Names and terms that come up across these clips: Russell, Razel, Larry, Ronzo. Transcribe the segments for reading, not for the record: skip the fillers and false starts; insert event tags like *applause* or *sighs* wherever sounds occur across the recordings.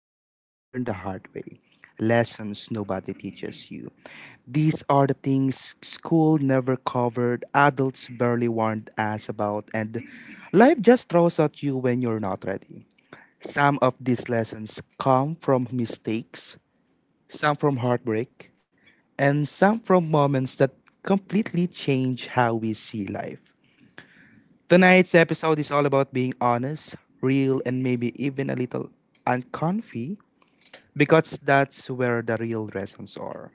we all learn the hard way lessons nobody teaches you. These are the things school never covered, adults barely warned us about, and life just throws at you when you're not ready. Some of these lessons come from mistakes, some from heartbreak, and some from moments that completely change how we see life. Tonight's episode is all about being honest, real, and maybe even a little uncomfy because that's where the real lessons are.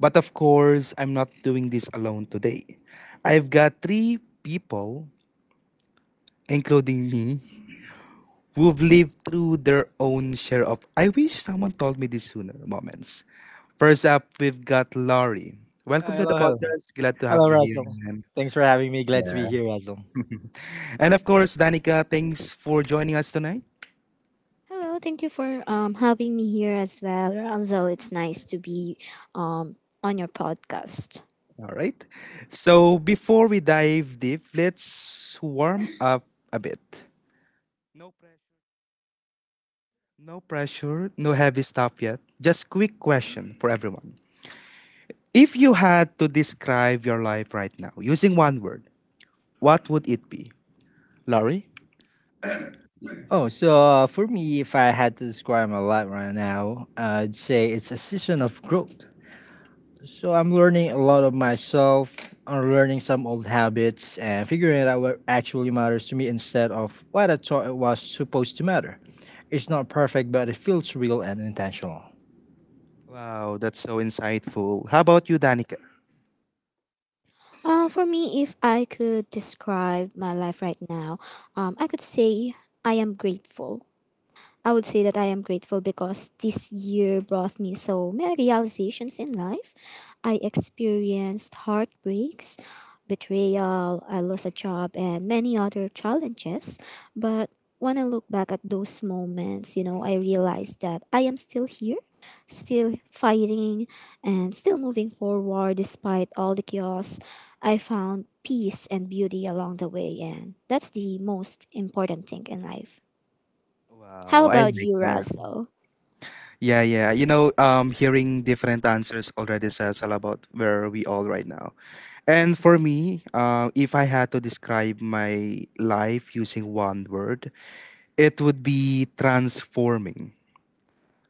But of course, I'm not doing this alone today. I've got three people, including me, who've lived through their own share of I wish someone told me this sooner moments. First up, we've got Laurie. Uh, Welcome to the hello, hello. podcast. Glad to have Hello, you here, Russell. man. Thanks for having me. Glad to be here, Russell. And of course, Danica, thanks for joining us tonight. Hello, thank you for having me here as well. Ronzo, it's nice to be um, on your podcast. All right. So before we dive deep, let's warm up a bit. No pressure. No pressure, no heavy stuff yet. Just quick question for everyone. If you had to describe your life right now using one word, what would it be? Laurie? For me, if I had to describe my life right now, I'd say it's a season of growth. So I'm learning a lot of myself, I'm learning some old habits, and figuring out what actually matters to me instead of what I thought it was supposed to matter. It's not perfect, but it feels real and intentional. Wow, that's so insightful. How about you, Danica? For me, if I could describe my life right now, I could say I am grateful. I would say that I am grateful because this year brought me so many realizations in life. I experienced heartbreaks, betrayal, I lost a job, and many other challenges. But when I look back at those moments, you know, I realized that I am still here, still fighting, and still moving forward despite all the chaos. I found peace and beauty along the way, and that's the most important thing in life. How Wow, I about like you, that. Russell? Yeah, yeah. Hearing different answers already says all about where we all right now. And for me, if I had to describe my life using one word, it would be transforming.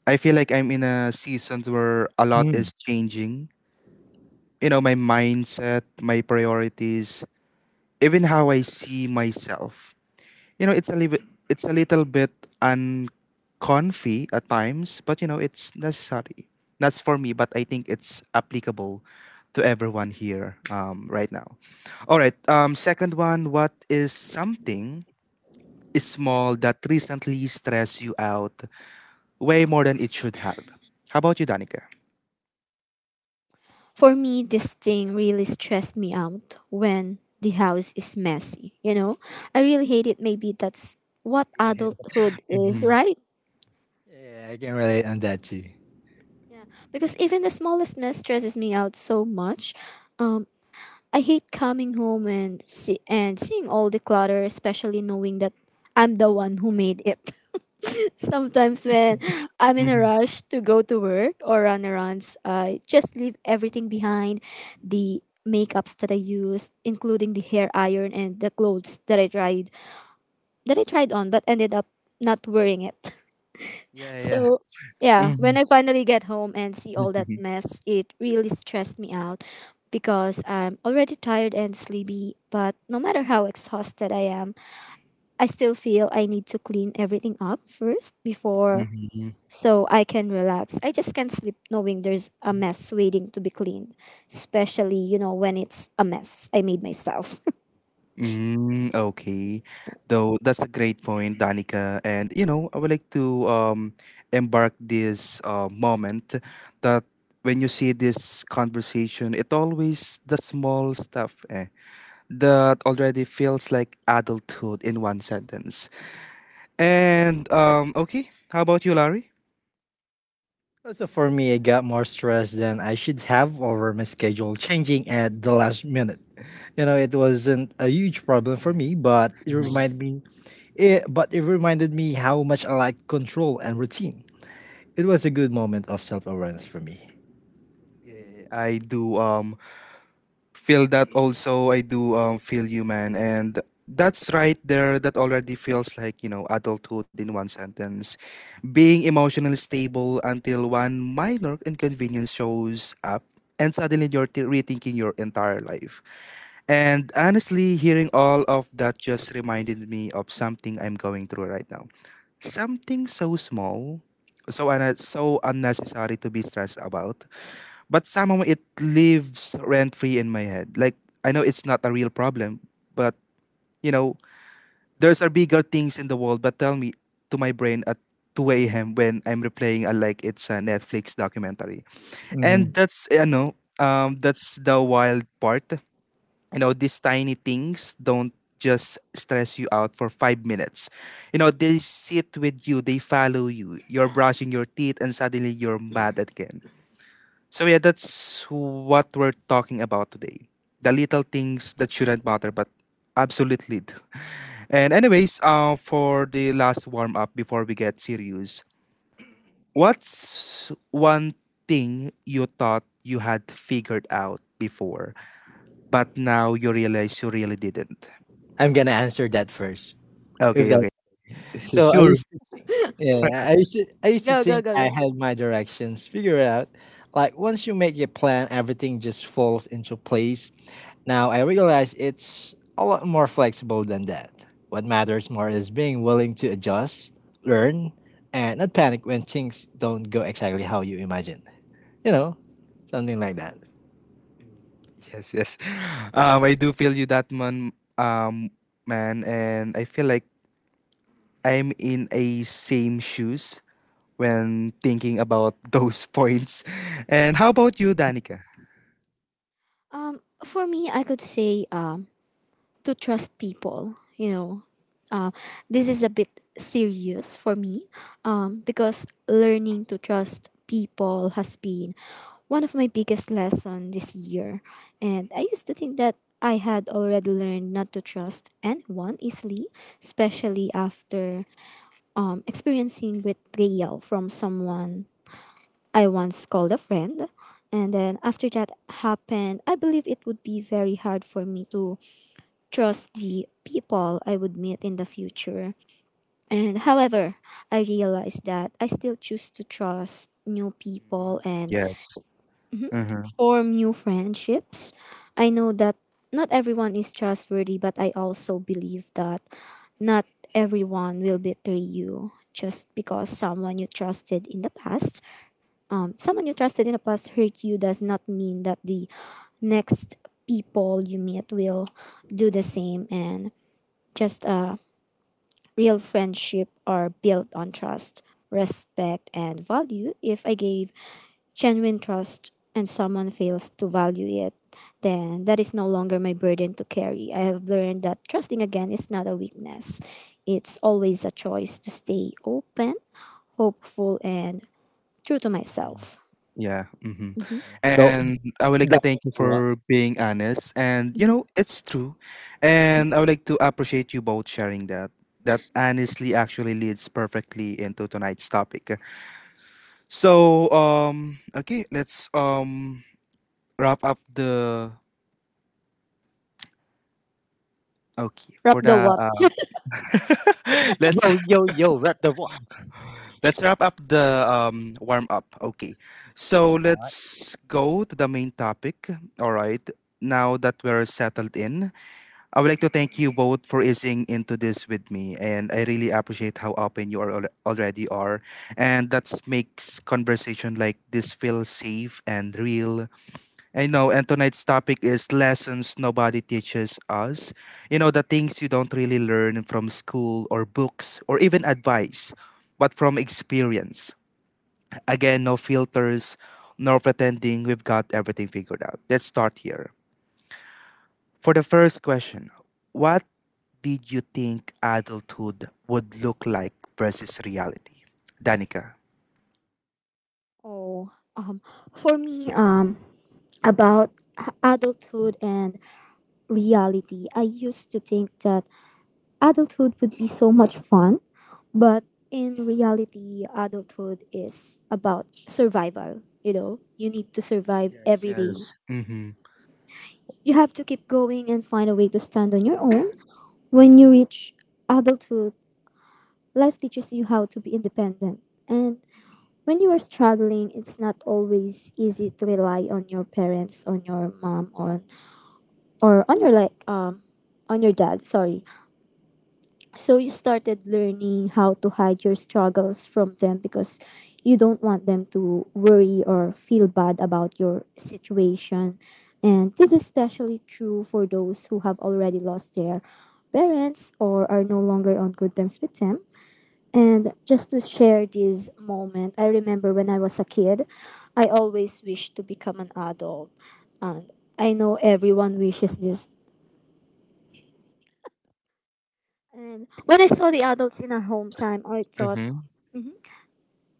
I feel like I'm in a season where a lot Mm. is changing. You know, my mindset, my priorities, even how I see myself. You know, it's a little bit uncomfy at times, but you know, it's necessary. That's for me, but I think it's applicable to everyone here right now. All right. Second one, what is something small that recently stressed you out way more than it should have? How about you, Danica? For me, this thing really stressed me out when the house is messy, you know? I really hate it. Maybe that's what Yeah, yeah. adulthood is, Mm-hmm. right? Yeah, I can relate on that too. Yeah, because even the smallest mess stresses me out so much. Um, I hate coming home and seeing all the clutter, especially knowing that I'm the one who made it. Sometimes *laughs* when I'm in hmm a rush to go to work or run errands, I just leave everything behind, the makeups that I used, including the hair iron and the clothes that I tried on but ended up not wearing it. *laughs* Yeah, yeah. So yeah, hmm when I finally get home and see all that mess, it really stressed me out because I'm already tired and sleepy, but no matter how exhausted I am, I still feel I need to clean everything up first before *laughs* so I can relax. I just can't sleep knowing there's a mess waiting to be cleaned, especially, you know, when it's a mess I made myself. *laughs* Mm, okay. Though that's a great point, Danica. And you know, I would like to embark this moment that when you see this conversation, it always the small stuff eh, that already feels like adulthood in one sentence. And okay, how about you, Larry? So for me, I got more stressed than I should have over my schedule changing at the last minute. You know, it wasn't a huge problem for me, but it *laughs* reminded me. But it reminded me how much I like control and routine. It was a good moment of self awareness for me. Yeah, yeah, yeah. I do feel that also. I do feel you, man, and that's right there that already feels like, you know, adulthood in one sentence, being emotionally stable until one minor inconvenience shows up and suddenly rethinking your entire life. And honestly, hearing all of that just reminded me of something I'm going through right now, something so small, so unnecessary to be stressed about, but somehow it lives rent free in my head. Like I know it's not a real problem, but you know, there's are bigger things in the world. But tell me to my brain at 2 a.m. when I'm replaying a, like it's a Netflix documentary. And Mhm. that's, you know, that's the wild part. You know, these tiny things don't just stress you out for five minutes. You know, they sit with you, they follow you. You're brushing your teeth and suddenly you're mad again. So yeah, that's what we're talking about today. The little things that shouldn't matter but absolutely do. *laughs* And anyways, for the last warm up before we get serious, what's one thing you thought you had figured out before, but now you realize you really didn't? I'm gonna answer that first. If Okay, that okay. *laughs* S- so, I Sure. used to think, yeah, I used to Go, go, think go, I go. had my directions figured out. Like once you make your plan, everything just falls into place. Now I realize it's a lot more flexible than that. What matters more is being willing to adjust, learn, and not panic when things don't go exactly how you imagined. You know, something like that. Yes, yes. *sighs* I do feel you that, man, man, and I feel like I'm in a same shoes when thinking about those *laughs* points. And how about you, Danica? For me, I could say to trust people, you know. uh, this is a bit serious for me, because learning to trust people has been one of my biggest lessons this year, and I used to think that I had already learned not to trust anyone easily, especially after experiencing betrayal from someone I once called a friend. And then after that happened, I believe it would be very hard for me to trust the people I would meet in the future. And however, I realized that I still choose to trust new Mm, people and yes. Uh-huh. form new friendships. I know that not everyone is trustworthy, but I also believe that not everyone will betray you just because someone you trusted in the past. Someone you trusted in the past hurt you does not mean that the next people you meet will do the same. And just Real friendship are built on trust, respect, and value. If I gave genuine trust and someone fails to value it, then that is no longer my burden to carry. I have learned that trusting again is not a weakness. It's always a choice to stay open, hopeful, and true to myself. Yeah. Mm-hmm. Mhm, Tho- And I would like to thank you what? for being honest. And you mhm. know, it's true. And I would like to appreciate you both sharing that. That honestly actually leads perfectly into tonight's topic. So, okay, let's wrap up the okay Wrap for the the what? *laughs* *laughs* Yo, let's... yo, yo, rep the what? Let's wrap up the warm up. Okay. So let's go to the main topic. All right. Now that we're settled in, I would like to thank you both for easing into this with me. And I really appreciate how open already are. And that makes conversation like this feel safe and real. I know, and tonight's topic is lessons nobody teaches us. You know, the things you don't really learn from school or books or even advice, but from experience. Again, no filters, no pretending we've got everything figured out. Let's start here. For the first question, what did you think adulthood would look like versus reality? Danica. Oh, um, for me, adulthood and reality, I used to think that adulthood would be so much fun, but in reality, adulthood is about survival. You know, you need to survive Yes, every day. yes. Mm-hmm. You have to keep going and find a way to stand on your own. When you reach adulthood, life teaches you how to be independent. And when you are struggling, it's not always easy to rely on your parents, on your mom, on or on your on your dad. Sorry. So you started learning how to hide your struggles from them because you don't want them to worry or feel bad about your situation. And this is especially true for those who have already lost their parents or are no longer on good terms with them. And just to share this moment, I remember when I was a kid, I always wished to become an adult. And I know everyone wishes this. And when I saw the adults in our hometown, I thought Mm-hmm.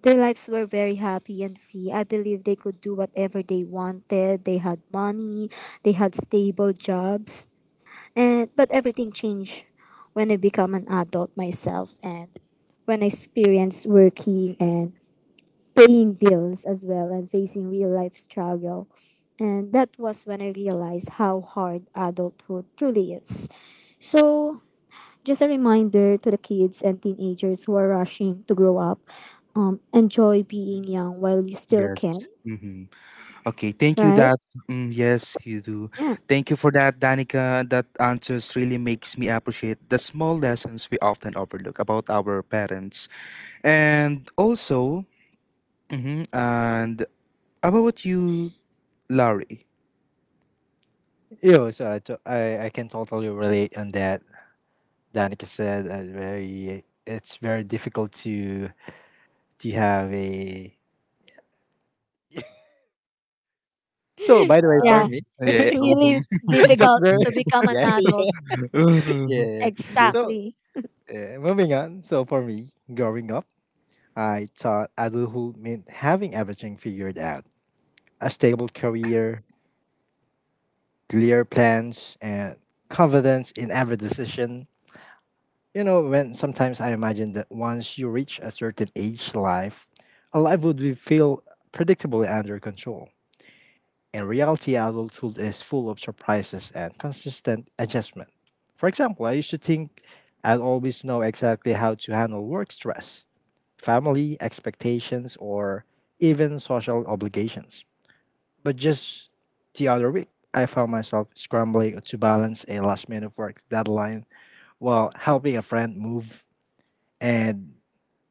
their lives were very happy and free. I believe they could do whatever they wanted. They had money, they had stable jobs. And but everything changed when I become an adult myself and when I experienced working and paying bills as well and facing real life struggle. And that was when I realized how hard adulthood truly is. So just a reminder to the kids and teenagers who are rushing to grow up, enjoy being young while you still can, Yes. Okay, thank you right? that. Mm, yes you do. Yeah. Thank you for that, Danica. That answers really makes me appreciate the small lessons we often overlook about our parents. And also, mhm, and about you, Larry. Yo, so I can totally relate on that. Danica said very it's very difficult to have a *laughs* so *laughs* by the way for Yeah, me Have- yeah. it's really *laughs* that's difficult very to *laughs* become an yeah adult. yeah Mhm. yeah *laughs* *laughs* so Exactly. Yeah, moving on. So for me, growing up, I thought adulthood meant having everything figured out. A stable career, clear plans, and confidence in every decision. You know, when sometimes I imagined that once you reach a certain age life, a life would be feel predictable and under control. In reality, adulthood is full of surprises and consistent adjustment. For example, I used to think I'd always know exactly how to handle work stress, family expectations, or even social obligations. But just the other week, I found myself scrambling to balance a last minute work deadline while helping a friend move. And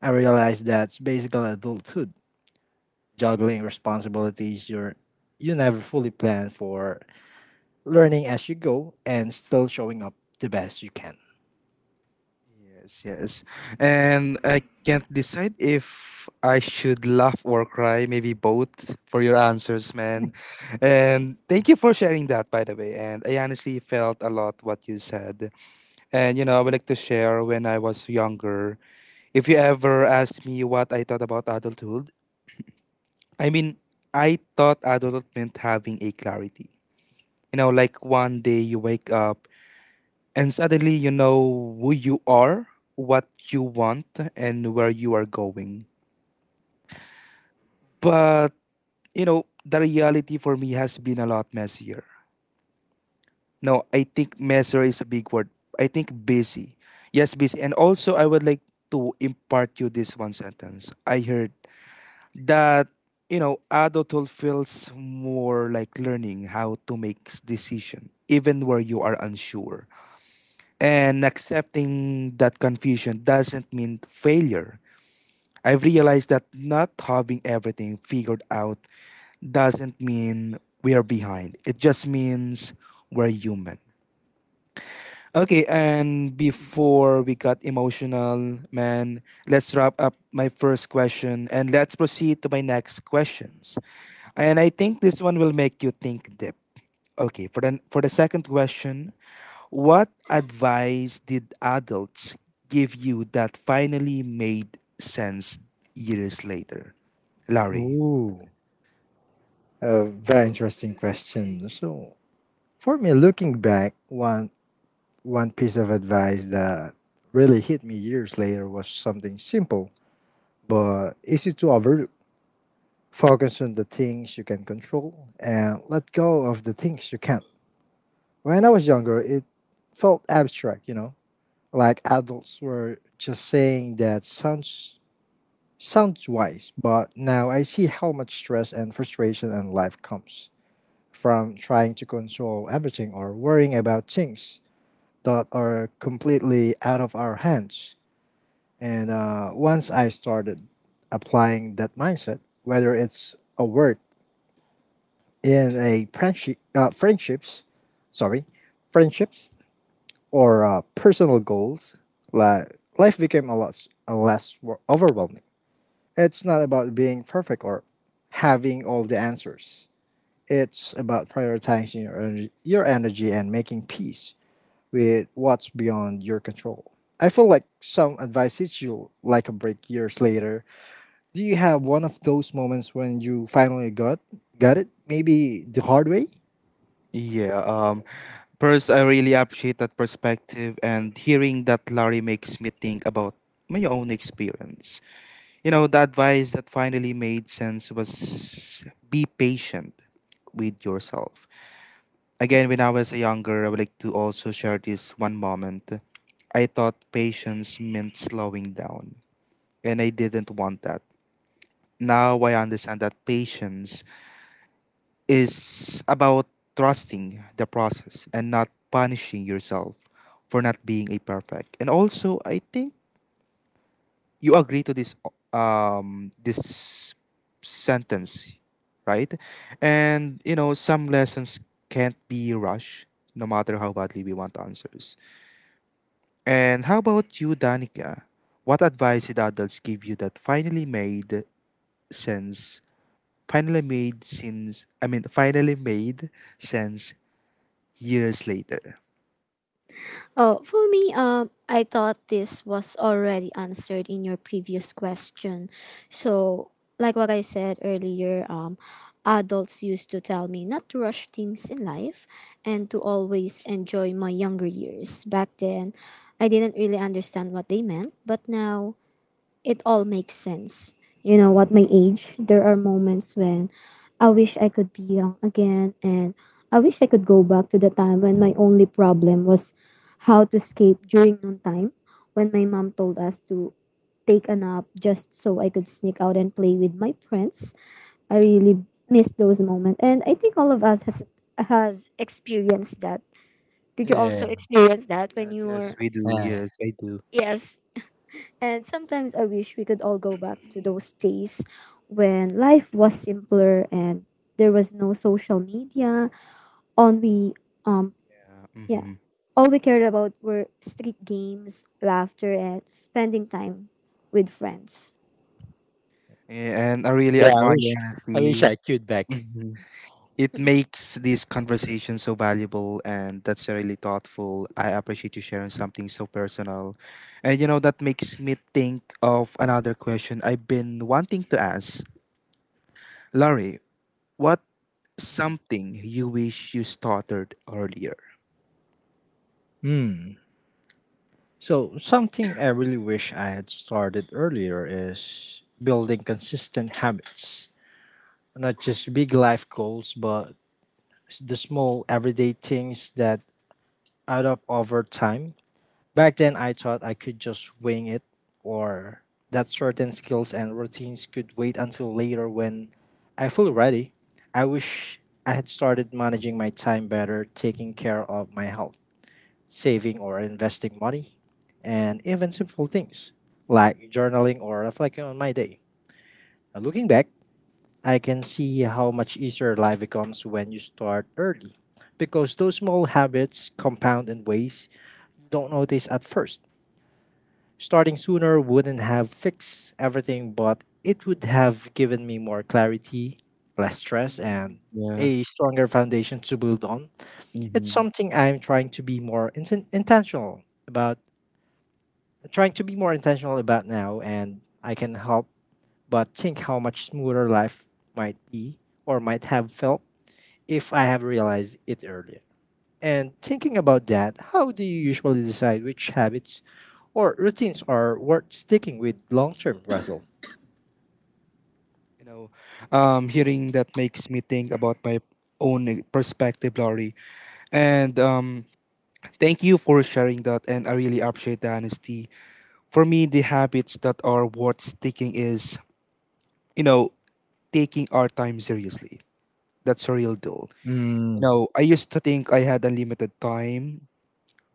I realized that's basically adulthood, juggling responsibilities you never fully plan for, learning as you go, and still showing up the best you can. Yes, yes. And I can't decide if I should laugh or cry, maybe both, for your answers, man. And thank you for sharing that, by the way. And I honestly felt a lot what you said. And, you know, I would like to share when I was younger. If you ever asked me what I thought about adulthood, I mean, I thought adulthood meant having a clarity. You know, like one day you wake up and suddenly you know who you are, what you want, and where you are going. But, you know, the reality for me has been a lot messier. No, I think messier is a big word. I think busy. Yes, busy. And also, I would like to impart you this one sentence I heard that, you know, adulthood feels more like learning how to make decision, even where you are unsure. And accepting that confusion doesn't mean failure. I've realized that not having everything figured out doesn't mean we are behind. It just means we're human. Okay, and before we got emotional, man, let's wrap up my first question and let's proceed to my next questions. And I think this one will make you think deep. Okay, for the second question, what advice did adults give you that finally made sense years later? Larry. Ooh, a very interesting question. So, for me, looking back, one piece of advice that really hit me years later was something simple but easy to overlook. Focus on the things you can control and let go of the things you can't. When I was younger, it felt abstract, you know, like adults were just saying that sounds wise, but now I see how much stress and frustration and life comes from trying to control everything or worrying about things that are completely out of our hands. And once I started applying that mindset, whether it's a work in a friendship, sorry, friendships or personal goals, like life became a less overwhelming. It's not about being perfect or having all the answers. It's about prioritizing your energy and making peace with what's beyond your control. I feel like some advice hits you like a break years later. Do you have one of those moments when you finally got it? Maybe the hard way? Yeah. First, I really appreciate that perspective, and hearing that, Larry, makes me think about my own experience. You know, the advice that finally made sense was be patient with yourself. Again, when I was younger, I would like to also share this one moment. I thought patience meant slowing down, and I didn't want that. Now I understand that patience is about trusting the process and not punishing yourself for not being a perfect. And also, I think you agree to this this sentence, right? And you know, some lessons can't be rushed no matter how badly we want answers. And how about you, Danica? What advice did adults give you that finally made sense? Finally made sense. I mean, finally made sense years later. Oh, for me, I thought this was already answered in your previous question. So, like what I said earlier, adults used to tell me not to rush things in life and to always enjoy my younger years. Back then, I didn't really understand what they meant, but now it all makes sense. You know, at my age, there are moments when I wish I could be young again, and I wish I could go back to the time when my only problem was how to escape during noontime when my mom told us to take a nap just so I could sneak out and play with my friends. I really miss those moments, and I think all of us has experienced that. Did you Yeah. also experience that when Yes, you yes, were? we do. Yes, I do. Yes. And sometimes I wish we could all go back to those days when life was simpler and there was no social media. On we um Yeah, yeah, mm-hmm. all we cared about were street games, laughter, and spending time with friends. And I really admire the honesty. Hmm It makes this conversation so valuable, and that's really thoughtful. I appreciate you sharing something so personal. And you know, that makes me think of another question I've been wanting to ask. Larry, what something you wish you started earlier? Hmm. So something I really wish I had started earlier is building consistent habits. Not just big life goals, but the small everyday things that add up over time. Back then, I thought I could just wing it or that certain skills and routines could wait until later when I feel ready. I wish I had started managing my time better, taking care of my health, saving or investing money, and even simple things like journaling or reflecting on my day. Looking back, I can see how much easier life becomes when you start early because those small habits compound in ways you don't notice at first. Starting sooner wouldn't have fixed everything, but it would have given me more clarity, less stress, and Mhm. Yeah. a stronger foundation to build on. It's Mm-hmm. something I'm trying to be more intentional about, trying to be more intentional about now, and I can help but think how much smoother life might be or might have felt if I have realized it earlier. And thinking about that, how do you usually decide which habits or routines are worth sticking with long term, Russell? You know, hearing that makes me think about my own perspective, Laurie. And thank you for sharing that. And I really appreciate the honesty. For me, the habits that are worth sticking is, you know, taking our time seriously. That's a real deal. You know, I used to think I had unlimited time,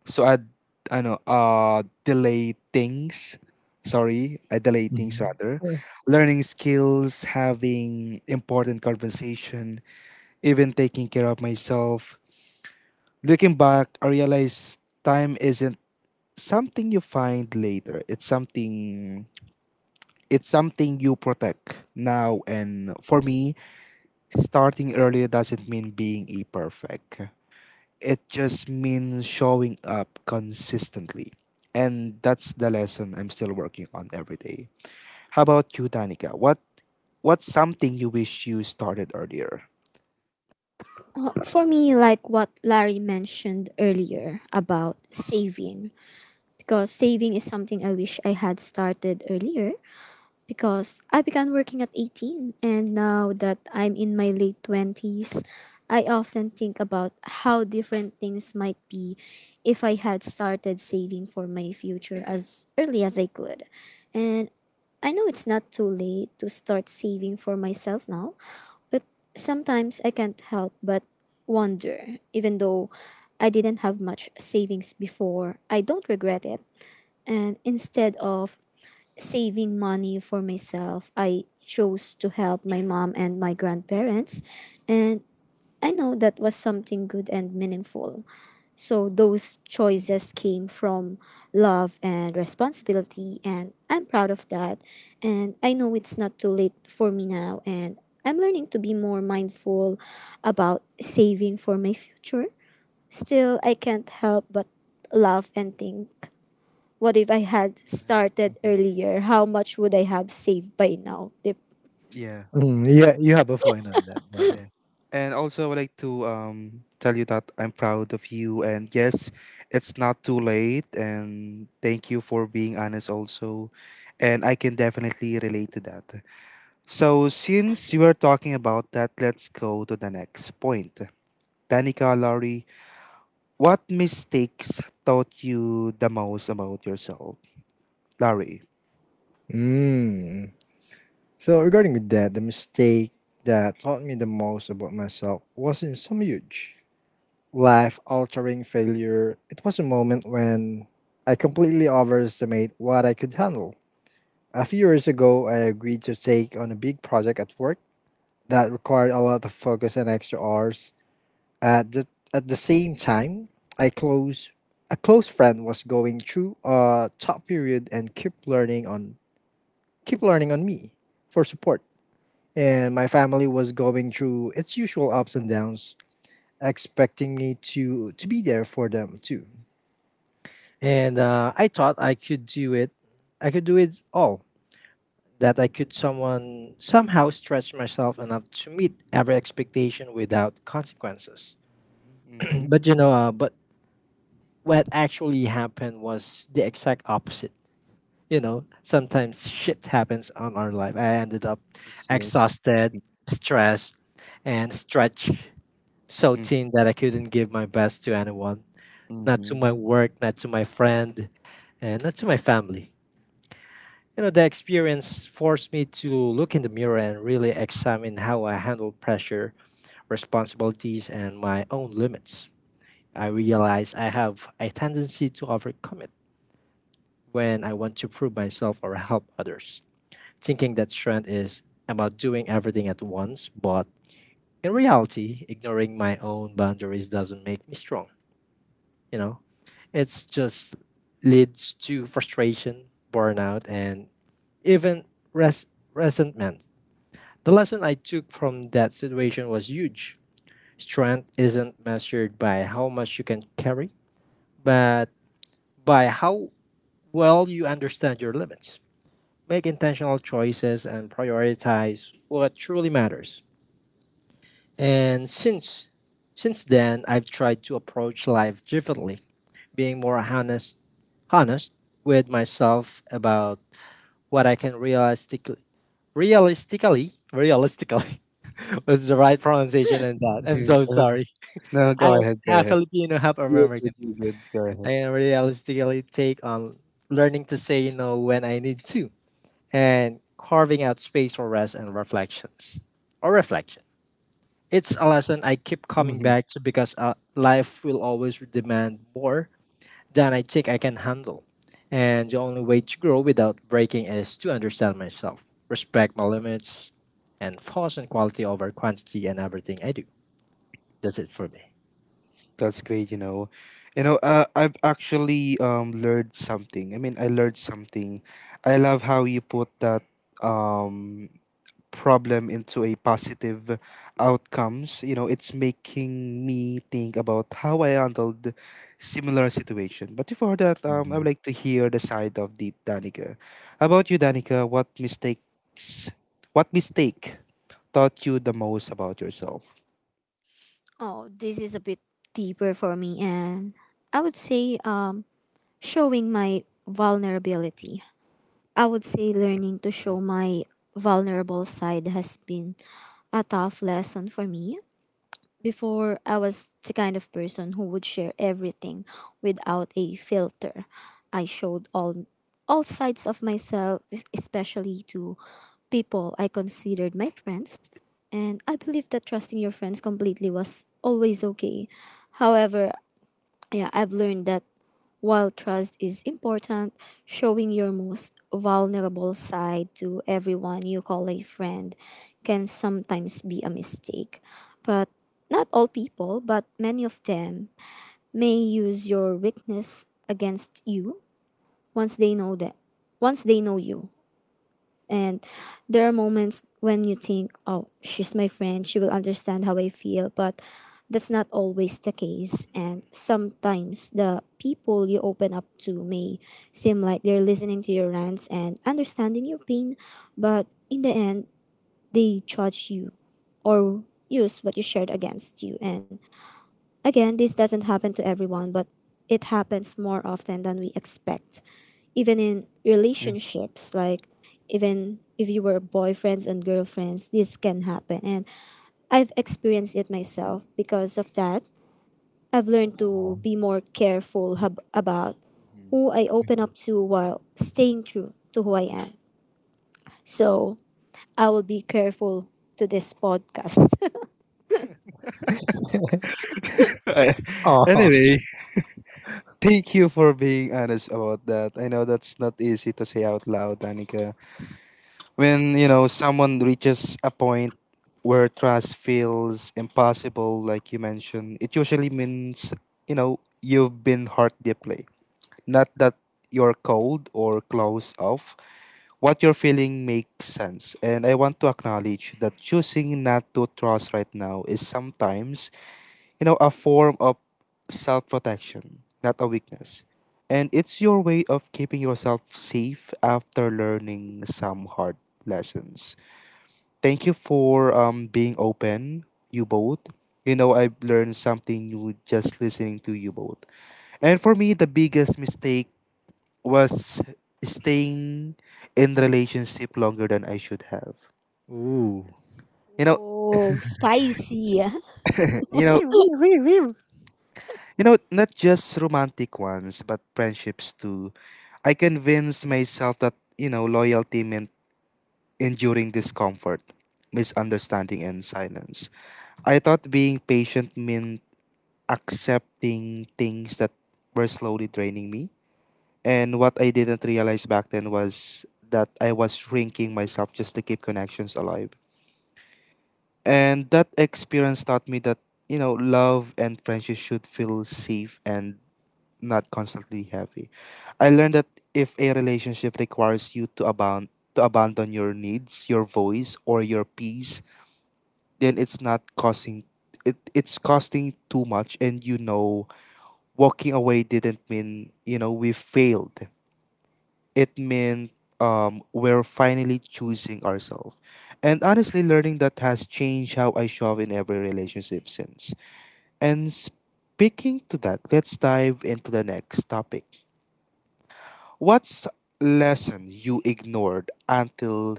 so delay things. Sorry, I delay things rather. Mm, Learning skills, having important conversation, even taking care of myself. Looking back, I realized time isn't something you find later. It's something you protect now, and for me, starting earlier doesn't mean being a perfect. It just means showing up consistently. And that's the lesson I'm still working on every day. How about you, Danica? What's something you wish you started earlier? For me, like what Larry mentioned earlier about saving, because saving is something I wish I had started earlier because I began working at 18 and now that I'm in my late 20s, I often think about how different things might be if I had started saving for my future as early as I could. And I know it's not too late to start saving for myself now, but sometimes I can't help but wonder. Even though I didn't have much savings before, I don't regret it. And instead of saving money for myself, I chose to help my mom and my grandparents, and I know that was something good and meaningful. So those choices came from love and responsibility, and I'm proud of that. And I know it's not too late for me now, and I'm learning to be more mindful about saving for my future. Still, I can't help but laugh and think, what if I had Yeah. started Mhm. earlier? How much would I have saved by now? Dip. Yeah. mm, yeah, you have a point on that, Yeah. Darling. And also, I would like to tell you that I'm proud of you. And yes, it's not too late. And thank you for being honest, also. And I can definitely relate to that. So, since you are talking about that, let's go to the next point. Danica, Larry, what mistakes taught you the most about yourself? Larry. Mm. So regarding with that, the mistake that taught me the most about myself wasn't some huge life-altering failure. It was a moment when I completely overestimated what I could handle. A few years ago, I agreed to take on a big project at work that required a lot of focus and extra hours. At the at the same time, I close a close friend was going through a tough period and keep learning on me for support. And my family was going through its usual ups and downs, expecting me to be there for them too. And I thought I could do it. I could do it all. That I could someone somehow stretch myself enough to meet every expectation without consequences. Mm-hmm. *clears throat* But what actually happened was the exact opposite. You know, sometimes shit happens on our life. I ended up Yes, yes. exhausted, stressed, and stretched so thin that I couldn't give my best to anyone. Not Mm-hmm. to my work, not to my friend, and not to my family. You know, the experience forced me to look in the mirror and really examine how I handle pressure, responsibilities, and my own limits. I realized I have a tendency to overcommit when I want to prove myself or help others, thinking that strength is about doing everything at once, but in reality, ignoring my own boundaries doesn't make me strong, you know? It's just leads to frustration, burnout, and even res- resentment. The lesson I took from that situation was huge. Strength isn't measured by how much you can carry, but by how well you understand your limits, make intentional choices and prioritize what truly matters. And since then, I've tried to approach life differently, being more honest with myself about what I can realistically *laughs* was the right pronunciation and that. I'm so sorry. *laughs* No, go I'm ahead. Go half ahead. Filipino, half You're good. American. You're good. Go I ahead. can realistically take on learning to say no when I need to and carving out space for rest and reflection. It's a Yeah. lesson I keep coming hmm back to because life will always demand more than I think I can handle. And the only way to grow without breaking is to understand myself, respect my limits, and focus on quality over quantity in everything I do. That's it for me. That's great, you know. You know, I've actually learned something. I mean, I learned something. I love how you put that um problem into a positive outcomes. You know, it's making me think about how I handled similar situation. But before that, I would like to hear the side of the Danica. How about you, Danica? What mistakes? What mistake taught you the most about yourself? Oh, this is a bit deeper for me, and I would say showing my vulnerability. I would say learning to show my vulnerable side has been a tough lesson for me. Before, I was the kind of person who would share everything without a filter. I showed all sides of myself, especially to people I considered my friends, and I believe that trusting your friends completely was always okay. However, yeah, I've learned that while trust is important, showing your most vulnerable side to everyone you call a friend can sometimes be a mistake. But not all people, but many of them may use your weakness against you once they know that once they know you. And there are moments when you think, oh, she's my friend, she will understand how I feel, but that's not always the case. And sometimes the people you open up to may seem like they're listening to your rants and understanding your pain, but in the end, they judge you or use what you shared against you. And again, this doesn't happen to everyone, but it happens more often than we expect, even in relationships, like even if you were boyfriends and girlfriends this can happen, and I've experienced it myself. Because of that, I've learned to be more careful about Mhm. who I open up to while staying true to who I am. So I will be careful to this podcast. *laughs* *laughs* I- Oh. anyway, thank you for being honest about that. I know that's not easy to say out loud, Danica. When, you know, someone reaches a point where trust feels impossible, like you mentioned, it usually means, you know, you've been hurt deeply. Not that you're cold or closed off. What you're feeling makes sense. And I want to acknowledge that choosing not to trust right now is sometimes, you know, a form of self protection, not a weakness. And it's your way of keeping yourself safe after learning some hard lessons. Thank you for being open, you both. You know, I've learned something new just listening to you both. And for me, the biggest mistake was staying in relationship longer than I should have. Ooh. You know, Oh, spicy. *laughs* you know, Not just romantic ones, but friendships too. I convinced myself that, you know, loyalty meant enduring discomfort, misunderstanding, and silence. I thought being patient meant accepting things that were slowly draining me. And what I didn't realize back then was that I was shrinking myself just to keep connections alive. And that experience taught me that, you know, love and friendship should feel safe and not constantly heavy. I learned that if a relationship requires you to abound to abandon your needs, your voice, or your peace, then it's not causing it, it's costing too much, and, you know, walking away didn't mean, you know, we failed. It meant, we're finally choosing ourselves. And honestly, learning that has changed how I show up in every relationship since. And speaking to that, let's dive into the next topic. What's lesson you ignored until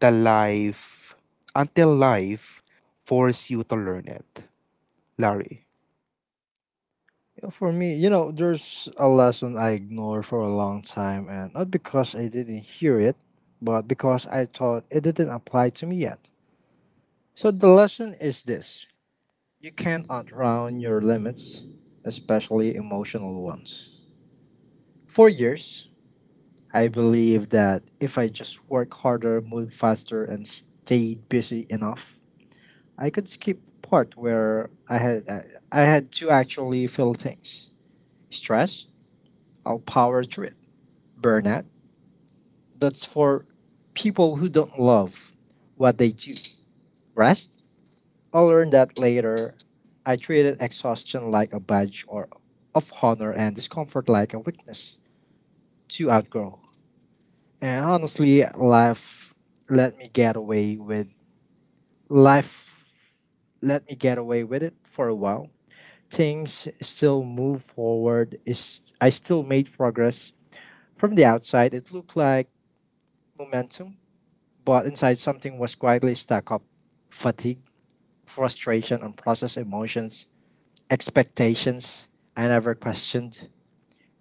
the life until life forced you to learn it, Larry? For me, you know, there's a lesson I ignored for a long time, and not because I didn't hear it, but because I thought it didn't apply to me yet. So the lesson is this: you can't outrun your limits, especially emotional ones. For years, I believed that if I just work harder, move faster, and stayed busy enough, I could skip part where I had to actually feel things. Stress, I'll power through it. Burnout, that's for people who don't love what they do. Rest? I learned that later. I treated exhaustion like a badge or of honor and discomfort like a weakness to outgrow. And honestly, let me get away with life let me get away with it for a while. Things still move forward. Is I still made progress. From the outside, it looked like momentum, but inside something was quietly stacked up: fatigue, frustration, unprocessed emotions, expectations I never questioned.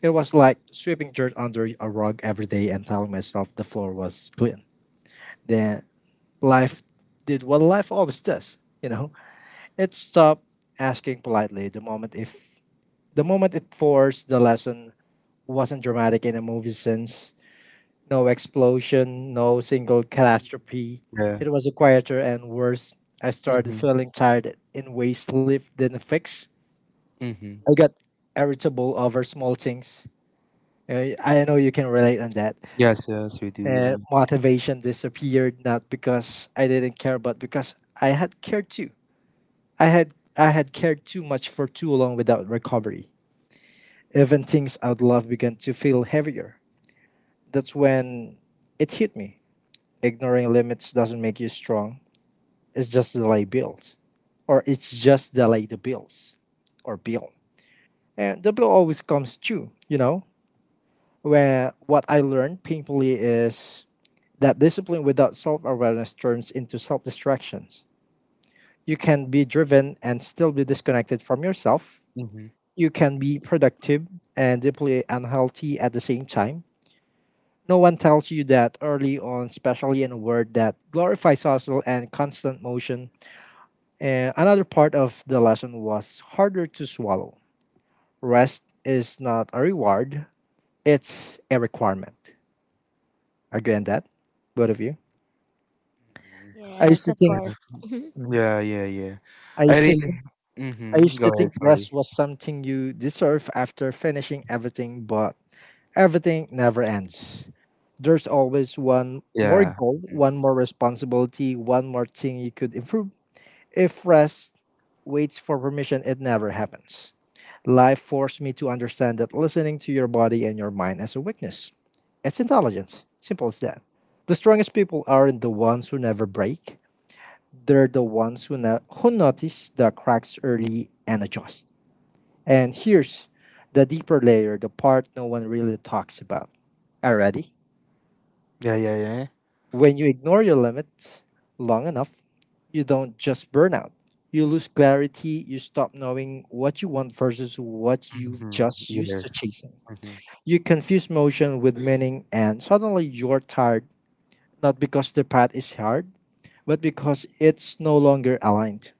It was like sweeping dirt under a rug every day and telling myself the floor was clean. Then life did what life always does, you know? It stopped asking politely. The moment if the moment it forced the lesson wasn't dramatic in a movie sense, no explosion, no single catastrophe. Yeah. It was a quieter and worse. I started Mm-hmm. feeling tired in ways sleep didn't fix. Mm-hmm. I got irritable over small things. I know you can relate on that. Yes, yes, we do. And motivation disappeared not because I didn't care, but because I had cared too much for too long without recovery. Even things I'd love began to feel heavier. That's when it hit me. Ignoring limits doesn't make you strong. It's just delay bills, it's just delay the bill, and the bill always comes due. You know, where what I learned painfully is that discipline without self awareness turns into self distractions. You can be driven and still be disconnected from yourself. Mm-hmm. You can be productive and deeply unhealthy at the same time. No one tells you that early on, especially in a world that glorifies hustle and constant motion. And another part of the lesson was harder to swallow. Rest is not a reward, it's a requirement. Agree on that? Both of you? I used Yes, to of think course. Mm-hmm. *laughs* Yeah, yeah, yeah. I I used to really. think I Mm-hmm. used to Go ahead. think rest Sorry. was something you deserve after finishing everything, but everything never ends. There's always one more Yeah. goal, one more responsibility, one more thing you could improve. If rest waits for permission, it never happens. Life forced me to understand that listening to your body and your mind as a weakness. It's intelligence. Simple as that. The strongest people aren't the ones who never break. They're the ones who, who notice the cracks early and adjust. And here's the deeper layer, the part no one really talks about. Are you ready? Yeah, yeah, yeah. When you ignore your limits long enough, you don't just burn out. You lose clarity, you stop knowing what you want versus what you Mm-hmm. just used to Yes. chasing. Mm-hmm. You confuse motion with meaning, and suddenly you're tired, not because the path is hard, but because it's no longer aligned.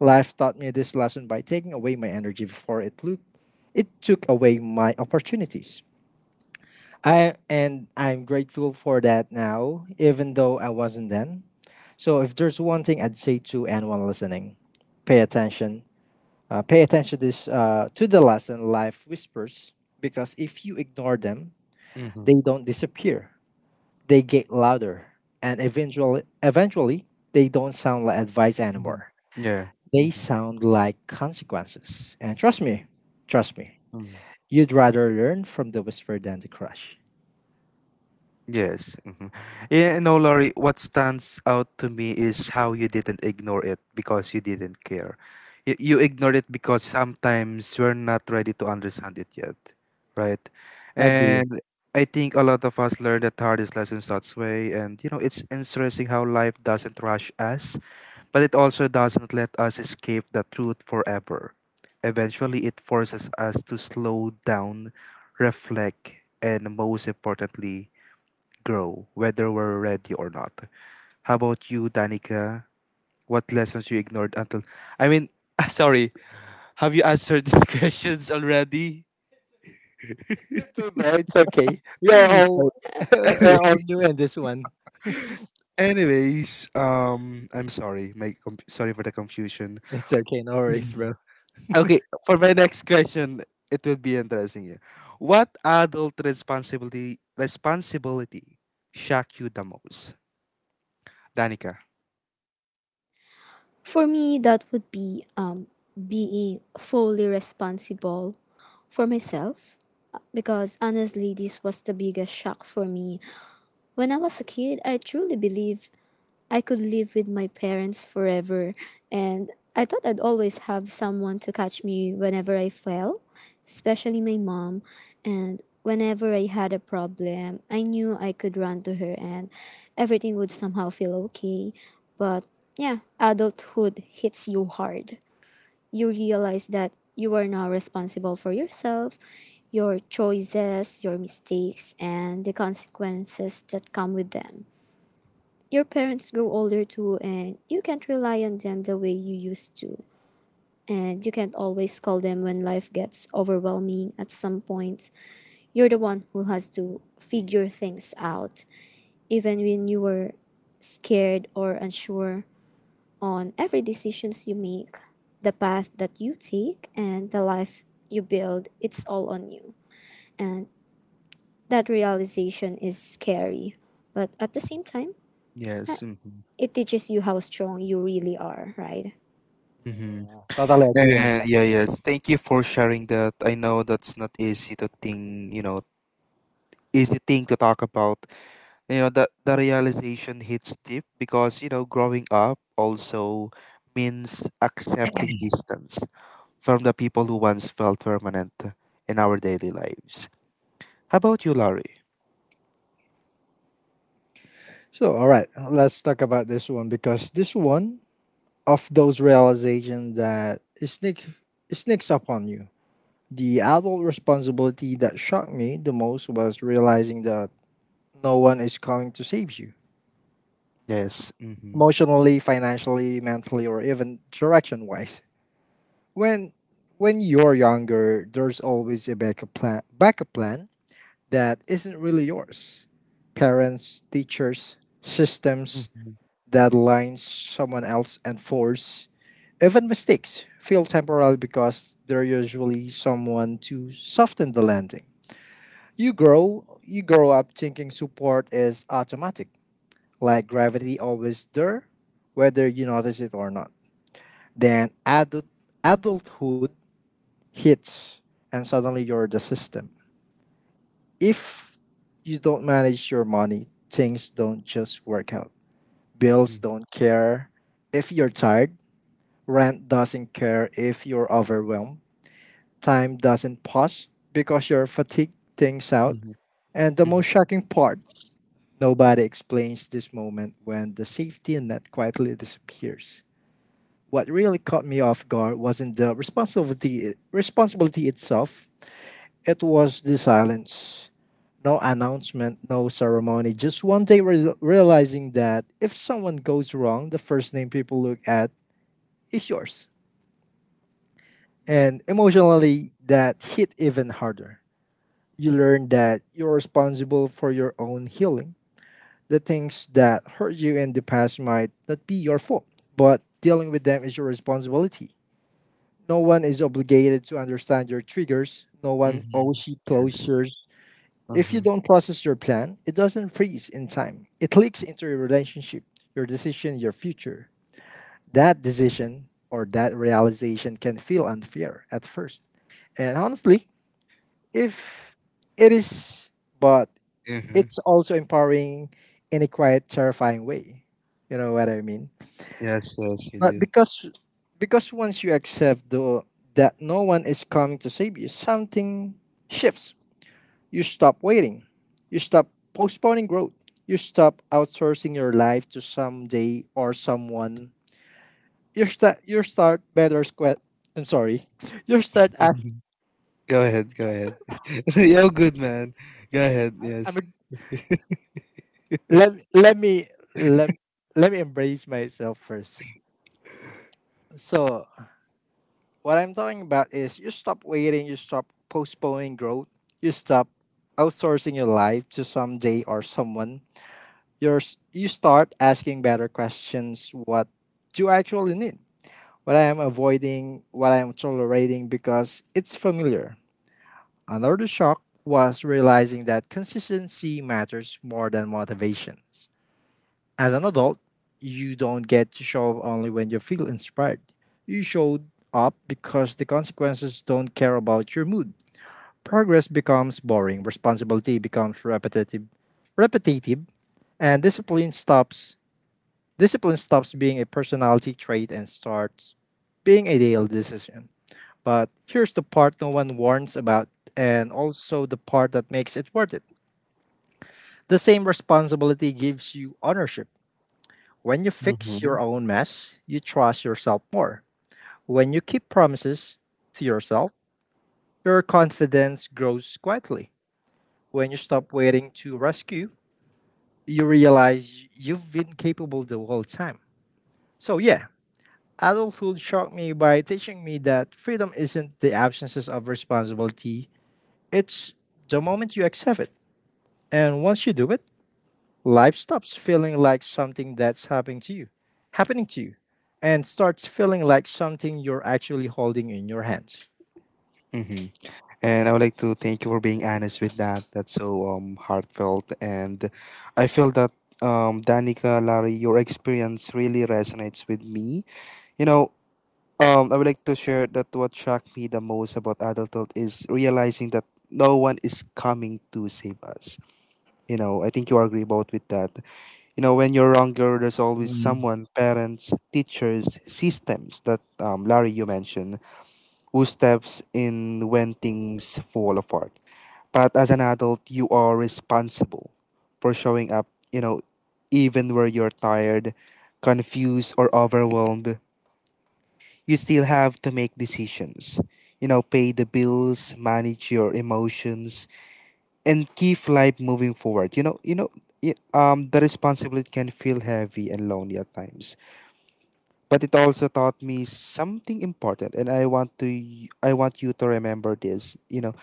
Life taught me this lesson by taking away my energy before it took away my opportunities. I and I'm grateful for that now, even though I wasn't then. So if there's one thing I'd say to anyone listening, pay attention. Pay attention this to the lesson life whispers, because if you ignore them, Mm-hmm. they don't disappear. They get louder, and eventually, they don't sound like advice anymore. Mm-hmm. Yeah. They Mm-hmm. sound like consequences. And trust me, Mm-hmm. you'd rather learn from the whisper than the crush. Yes. Hmm. Yeah, no, Laurie, what stands out to me is how you didn't ignore it because you didn't care. You ignored it because sometimes we're not ready to understand it yet, right? I agree. And I think a lot of us learn the hardest lessons that way. And, you know, it's interesting how life doesn't rush us, but it also doesn't let us escape the truth forever. Eventually, it forces us to slow down, reflect, and most importantly, grow, whether we're ready or not. How about you, Danica? What lessons you ignored until? I mean, *laughs* sorry. Have you answered these *laughs* questions already? It's okay, bro. It's okay. We are *laughs* all, *laughs* Sorry. we're *laughs* all new in this one. Anyways, I'm sorry. Sorry for the confusion. *laughs* It's okay. No worries, Mhm. bro. Okay, for my next question, it would be interesting. Yeah. What adult responsibility shock you the most, Danica? For me, that would be being fully responsible for myself. Because honestly, this was the biggest shock for me. When I was a kid, I truly believed I could live with my parents forever, and I thought I'd always have someone to catch me whenever I fell, especially my mom. And whenever I had a problem, I knew I could run to her and everything would somehow feel okay. But yeah, adulthood hits you hard. You realize that you are now responsible for yourself, your choices, your mistakes, and the consequences that come with them. Your parents grow older too, and you can't rely on them the way you used to. And you can't always call them when life gets overwhelming. At some point, you're the one who has to figure things out, even when you were scared or unsure on every decisions you make, the path that you take, and the life you build. It's all on you. And that realization is scary. But at the same time, yeah, Yes. Mm-hmm. it teaches you how strong you really are, right? Yeah, totally agree on And that. yeah, yes, thank you for sharing that. I know that's not easy to think, you know, easy thing to talk about. You know, that the realization hits deep because, you know, growing up also means accepting distance from the people who once felt permanent in our daily lives. How about you, Larry? So, all right, let's talk about this one, because this one of those realizations that it sneaks up on you. The adult responsibility that shocked me the most was realizing that no one is coming to save you Yes. Mm-hmm. emotionally, financially, mentally, or even direction wise. When when you're younger, there's always a backup plan that isn't really yours. Parents, teachers, systems, Mm-hmm. deadlines, someone else and force. Even mistakes feel temporary because they're usually someone to soften the landing. You grow up thinking support is automatic, like gravity always there, whether you notice it or not. Then adulthood hits, and suddenly you're the system. If you don't manage your money, things don't just work out. Bills don't care if you're tired, rent doesn't care if you're overwhelmed, time doesn't pause because your fatigue things out. Mm-hmm. And the Mm-hmm. most shocking part: nobody explains this moment when the safety net quietly disappears. What really caught me off guard wasn't the responsibility itself. It was the silence. No announcement, no ceremony. Just one day realizing that if someone goes wrong, the first name people look at is yours. And Yeah. emotionally, that hit even harder. You learn that you're responsible for your own healing. The things that hurt you in the past might not be your fault, but dealing with them is your responsibility. No one is obligated to understand your triggers. No one Mm-hmm. owes you Yes. closure. If you Uh-huh. don't process your plan, it doesn't freeze in time. It leaks into your relationship, your decision, your future. That decision or that realization can feel unfair at first. And honestly, if it is, but Mm-hmm. it's also empowering in a quite terrifying way. You know what I mean? Yes, yes, you But do. because once you accept the that no one is coming to save you, something shifts. You stop waiting. You stop postponing growth. You stop outsourcing your life to someday or someone. You start better squat I'm sorry. *laughs* You start asking, Mhm. Go ahead, go ahead. *laughs* You're good, man. Go ahead. I Yes. mean, let me let, let me embrace myself first. So what I'm talking about is you stop waiting, you stop postponing growth, you stop outsourcing your life to someday or someone. You start asking better questions. What do I actually need? What I am avoiding, what I am tolerating because it's familiar. Another shock was realizing that consistency matters more than motivations. As an adult, you don't get to show up only when you feel inspired. You showed up because the consequences don't care about your mood. Progress becomes boring, responsibility becomes repetitive, and discipline stops being a personality trait and starts being a daily decision. But here's the part no one warns about, and also the part that makes it worth it. The same responsibility gives you ownership. When you fix Mm-hmm. your own mess, you trust yourself more. When you keep promises to yourself, your confidence grows quietly. When you stop waiting to rescue, you realize you've been capable the whole time. So, yeah, adulthood shocked me by teaching me that freedom isn't the absences of responsibility, it's the moment you accept it. And once you do it, life stops feeling like something that's happening to you, and starts feeling like something you're actually holding in your hands. Mm-hmm. And I would like to thank you for being honest with that. That's so heartfelt, and I feel that, Danica, Larry, your experience really resonates with me. You know, I would like to share that what shocked me the most about adulthood is realizing that no one is coming to save us. You know, I think you agree about with that. You know, when you're younger, there's always Mm. someone, parents, teachers, systems that, Larry, you mentioned, who steps in when things fall apart. But as an adult, you are responsible for showing up, you know, even where you're tired, confused, or overwhelmed. You still have to make decisions, you know, pay the bills, manage your emotions, and keep life moving forward. The responsibility can feel heavy and lonely at times, but it also taught me something important, and I want I want you to remember this. You know,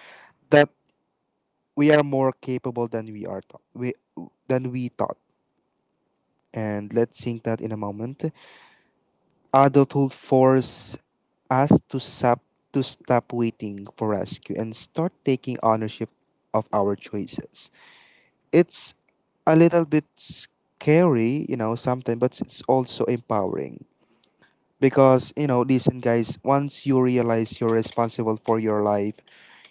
that we are more capable than we are taught, we than we thought, and let's think that in a moment. Adulthood force us to stop waiting for rescue and start taking ownership of our choices. It's a little bit scary, you know, something, but it's also empowering. Because, you know, listen, guys, once you realize you're responsible for your life,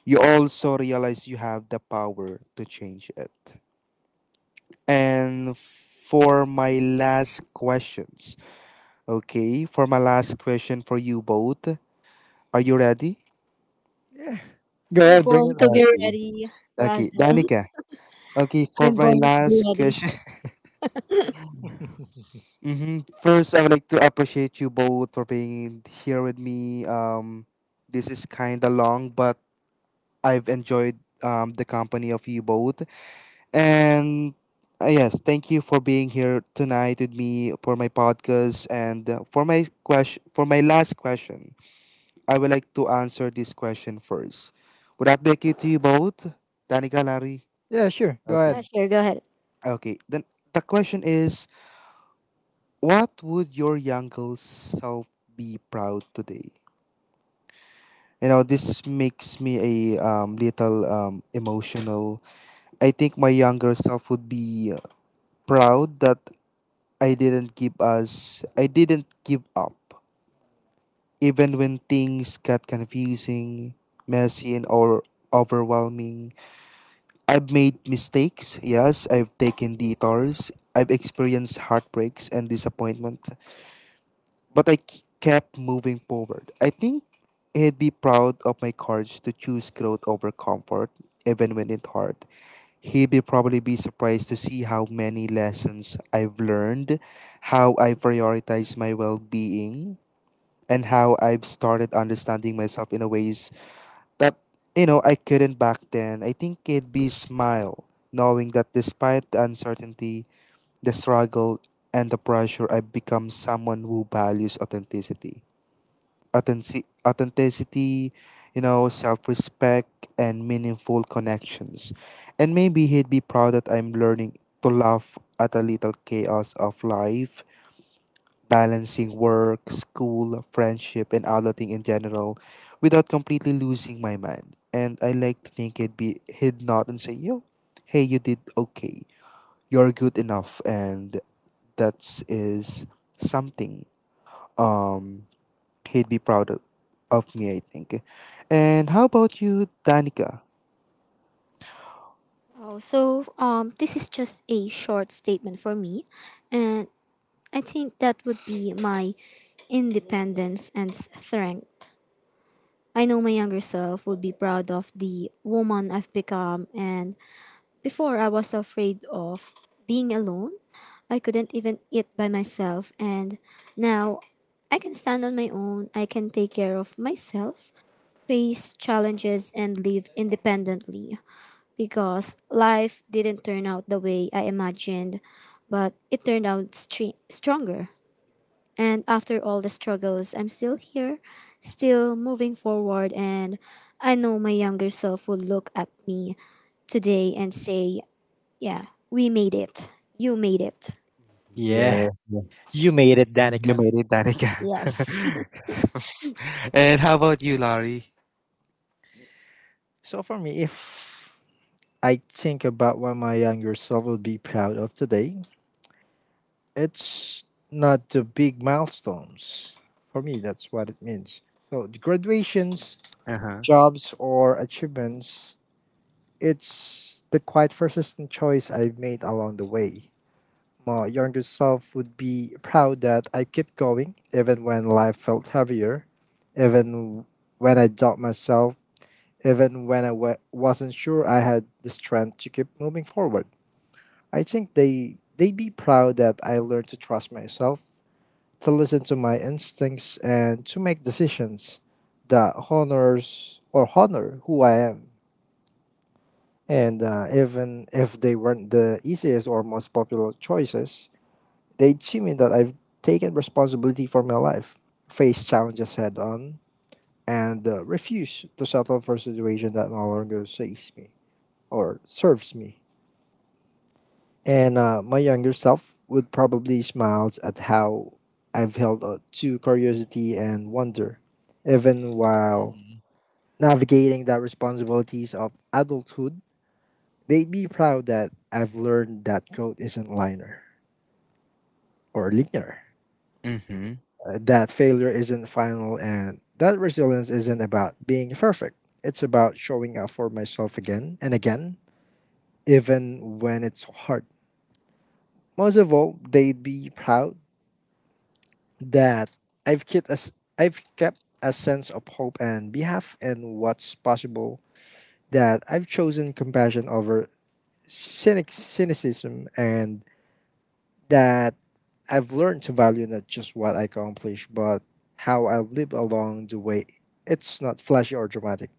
you also realize you have the power to change it. And for my last questions, okay, for my last question for you both, are you ready? Yeah. Go We're ahead, born bring to be Okay. ready, Okay, Razel. *laughs* Danica. Okay, for I'm my born to be last ready. question. it. *laughs* Mm-hmm. First, I would like to appreciate you both for being here with me. This is kind of long, but I've enjoyed the company of you both. And yes, thank you for being here tonight with me for my podcast and, for my question. For my last question, I would like to answer this question first. Would that be okay to you both, Danica, Larry? Yeah, sure. Go Okay. Yeah, ahead. sure, go ahead. Okay. Then the question is, what would your younger self be proud today? You know, this makes me a, little, emotional. I think my younger self would be proud that I didn't give up, even when things got confusing, messy, and or overwhelming. I've made mistakes. Yes, I've taken detours. I've experienced heartbreaks and disappointment. But kept moving forward. I think he'd be proud of my courage to choose growth over comfort, even when it's hard. He'd be probably be surprised to see how many lessons I've learned, how I prioritize my well-being, and how I've started understanding myself in a ways that, you know, I couldn't back then. I think he'd be smile, knowing that despite the uncertainty, the struggle, and the pressure, I've become someone who values authenticity, you know, self respect, and meaningful connections. And maybe he'd be proud that I'm learning to laugh at a little chaos of life, balancing work, school, friendship, and adulting in general without completely losing my mind. And I like to think he'd nod and say, "Yo, hey, you did okay. You're good enough." And that is something. Um, He'd be proud of me, I think. And how about you, Danica? Oh, so this is just a short statement for me, and I think that would be my independence and strength. I know my younger self would be proud of the woman I've become, and before I was afraid of being alone. I couldn't even eat by myself, and now I can stand on my own. I can take care of myself, face challenges, and live independently. Because life didn't turn out the way I imagined, but it turned out stronger. And after all the struggles, I'm still here, still moving forward, and I know my younger self will look at me today and say, yeah, we made it. You made it. Yeah, Yeah, yeah. you made it, You Danica. made it, Danica. Yes. *laughs* And how about you, Larry? So for me, if I think about what my younger self would be proud of today, it's not the big milestones. For me, that's what it means. So the graduations, Uh-huh. jobs, or achievements. It's the quite persistent choice I've made along the way. My younger self would be proud that I kept going, even when life felt heavier, even when I doubt myself, even when I wasn't sure I had the strength to keep moving forward. I think they'd be proud that I learned to trust myself, to listen to my instincts, and to make decisions that honors or honor who I am. And even if they weren't the easiest or most popular choices, they'd see me that I've taken responsibility for my life, faced challenges head on, and refused to settle for a situation that no longer saves me or serves me. And my younger self would probably smile at how I've held to curiosity and wonder, even while Mm-hmm. navigating the responsibilities of adulthood. They'd be proud that I've learned that growth isn't linear or linear, Mm-hmm. That failure isn't final, and that resilience isn't about being perfect. It's about showing up for myself again and again, even when it's hard. Most of all, they'd be proud that I've kept a, s- I've kept a sense of hope and belief in what's possible, that I've chosen compassion over cynicism, and that I've learned to value not just what I accomplish, but how I live along the way. It's not flashy or dramatic,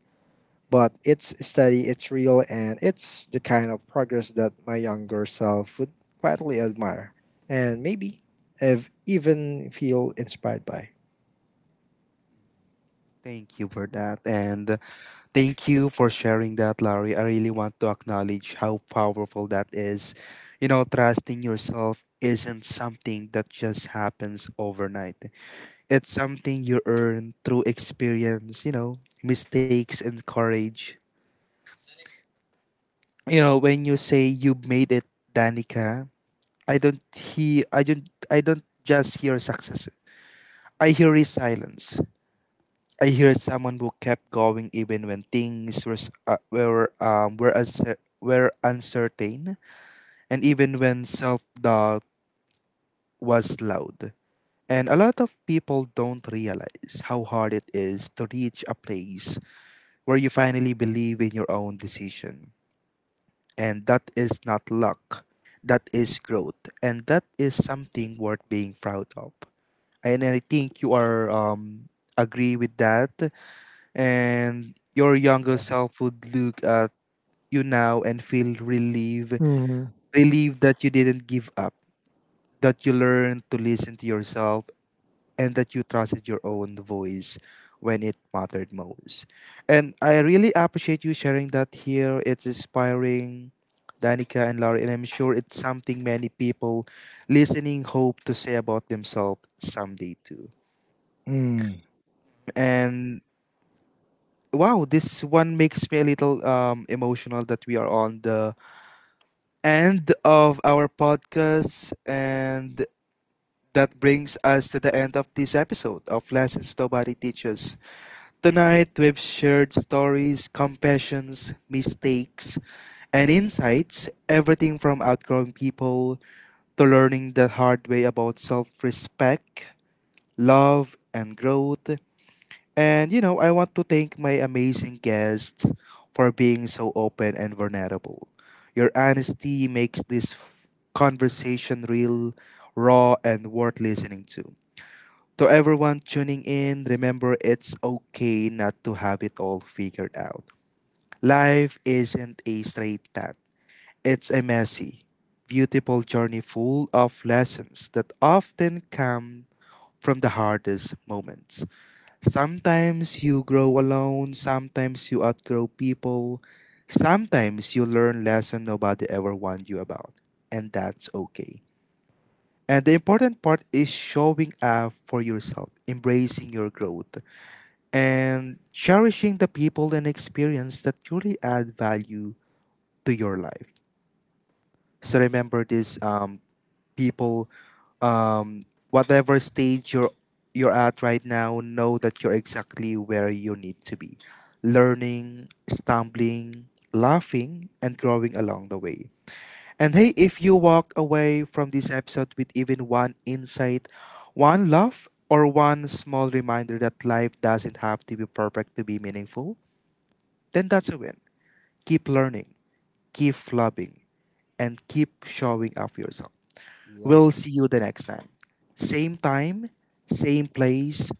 but it's steady, it's real, and it's the kind of progress that my younger self would quietly admire and maybe even feel inspired by. Thank you for that. And thank you for sharing that, Larry. I really want to acknowledge how powerful that is. You know, trusting yourself isn't something that just happens overnight. It's something you earn through experience, you know, mistakes and courage. You know, when you say you made it, Danica, I don't just hear success. I hear resilience. I hear someone who kept going even when things were were uncertain, and even when self-doubt was loud. And a lot of people don't realize how hard it is to reach a place where you finally believe in your own decision. And that is not luck, that is growth, and that is something worth being proud of. And I think you are agree with that, and your younger self would look at you now and feel relieved, Hmm. relieved that you didn't give up, that you learned to listen to yourself and that you trusted your own voice when it mattered most. And I really appreciate you sharing that here. It's inspiring, Danica and Larry, and I'm sure it's something many people listening hope to say about themselves someday too. Mm. And wow, this one makes me a little, emotional, that we are on the end of our podcast, and that brings us to the end of this episode of Lessons Nobody Teaches. Tonight, we've shared stories, compassions, mistakes, and insights everything from outgrowing people to learning the hard way about self respect, love, and growth. And you know, I want to thank my amazing guests for being so open and vulnerable. Your honesty makes this conversation real, raw, and worth listening to. To everyone tuning in, remember it's okay not to have it all figured out. Life isn't a straight path, it's a messy, beautiful journey full of lessons that often come from the hardest moments. Sometimes you grow alone, sometimes you outgrow people, sometimes you learn lessons nobody ever warned you about, and that's okay. And the important part is showing up for yourself, embracing your growth, and cherishing the people and experience that truly add value to your life. So remember this, people, um, whatever stage you're at right now, know that you're exactly where you need to be, learning, stumbling, laughing, and growing along the way. And hey, if you walk away from this episode with even one insight, one laugh, or one small reminder that life doesn't have to be perfect to be meaningful, then that's a win. Keep learning, keep flubbing, and keep showing up for yourself. Yeah. We'll see you the next time. Same time, same place,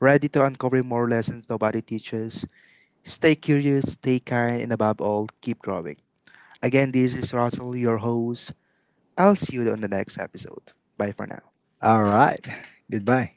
ready to uncover more lessons nobody teaches. Stay curious, stay kind, and above all, keep growing. Again, this is Russell, your host. I'll see you on the next episode. Bye for now. All right. Goodbye.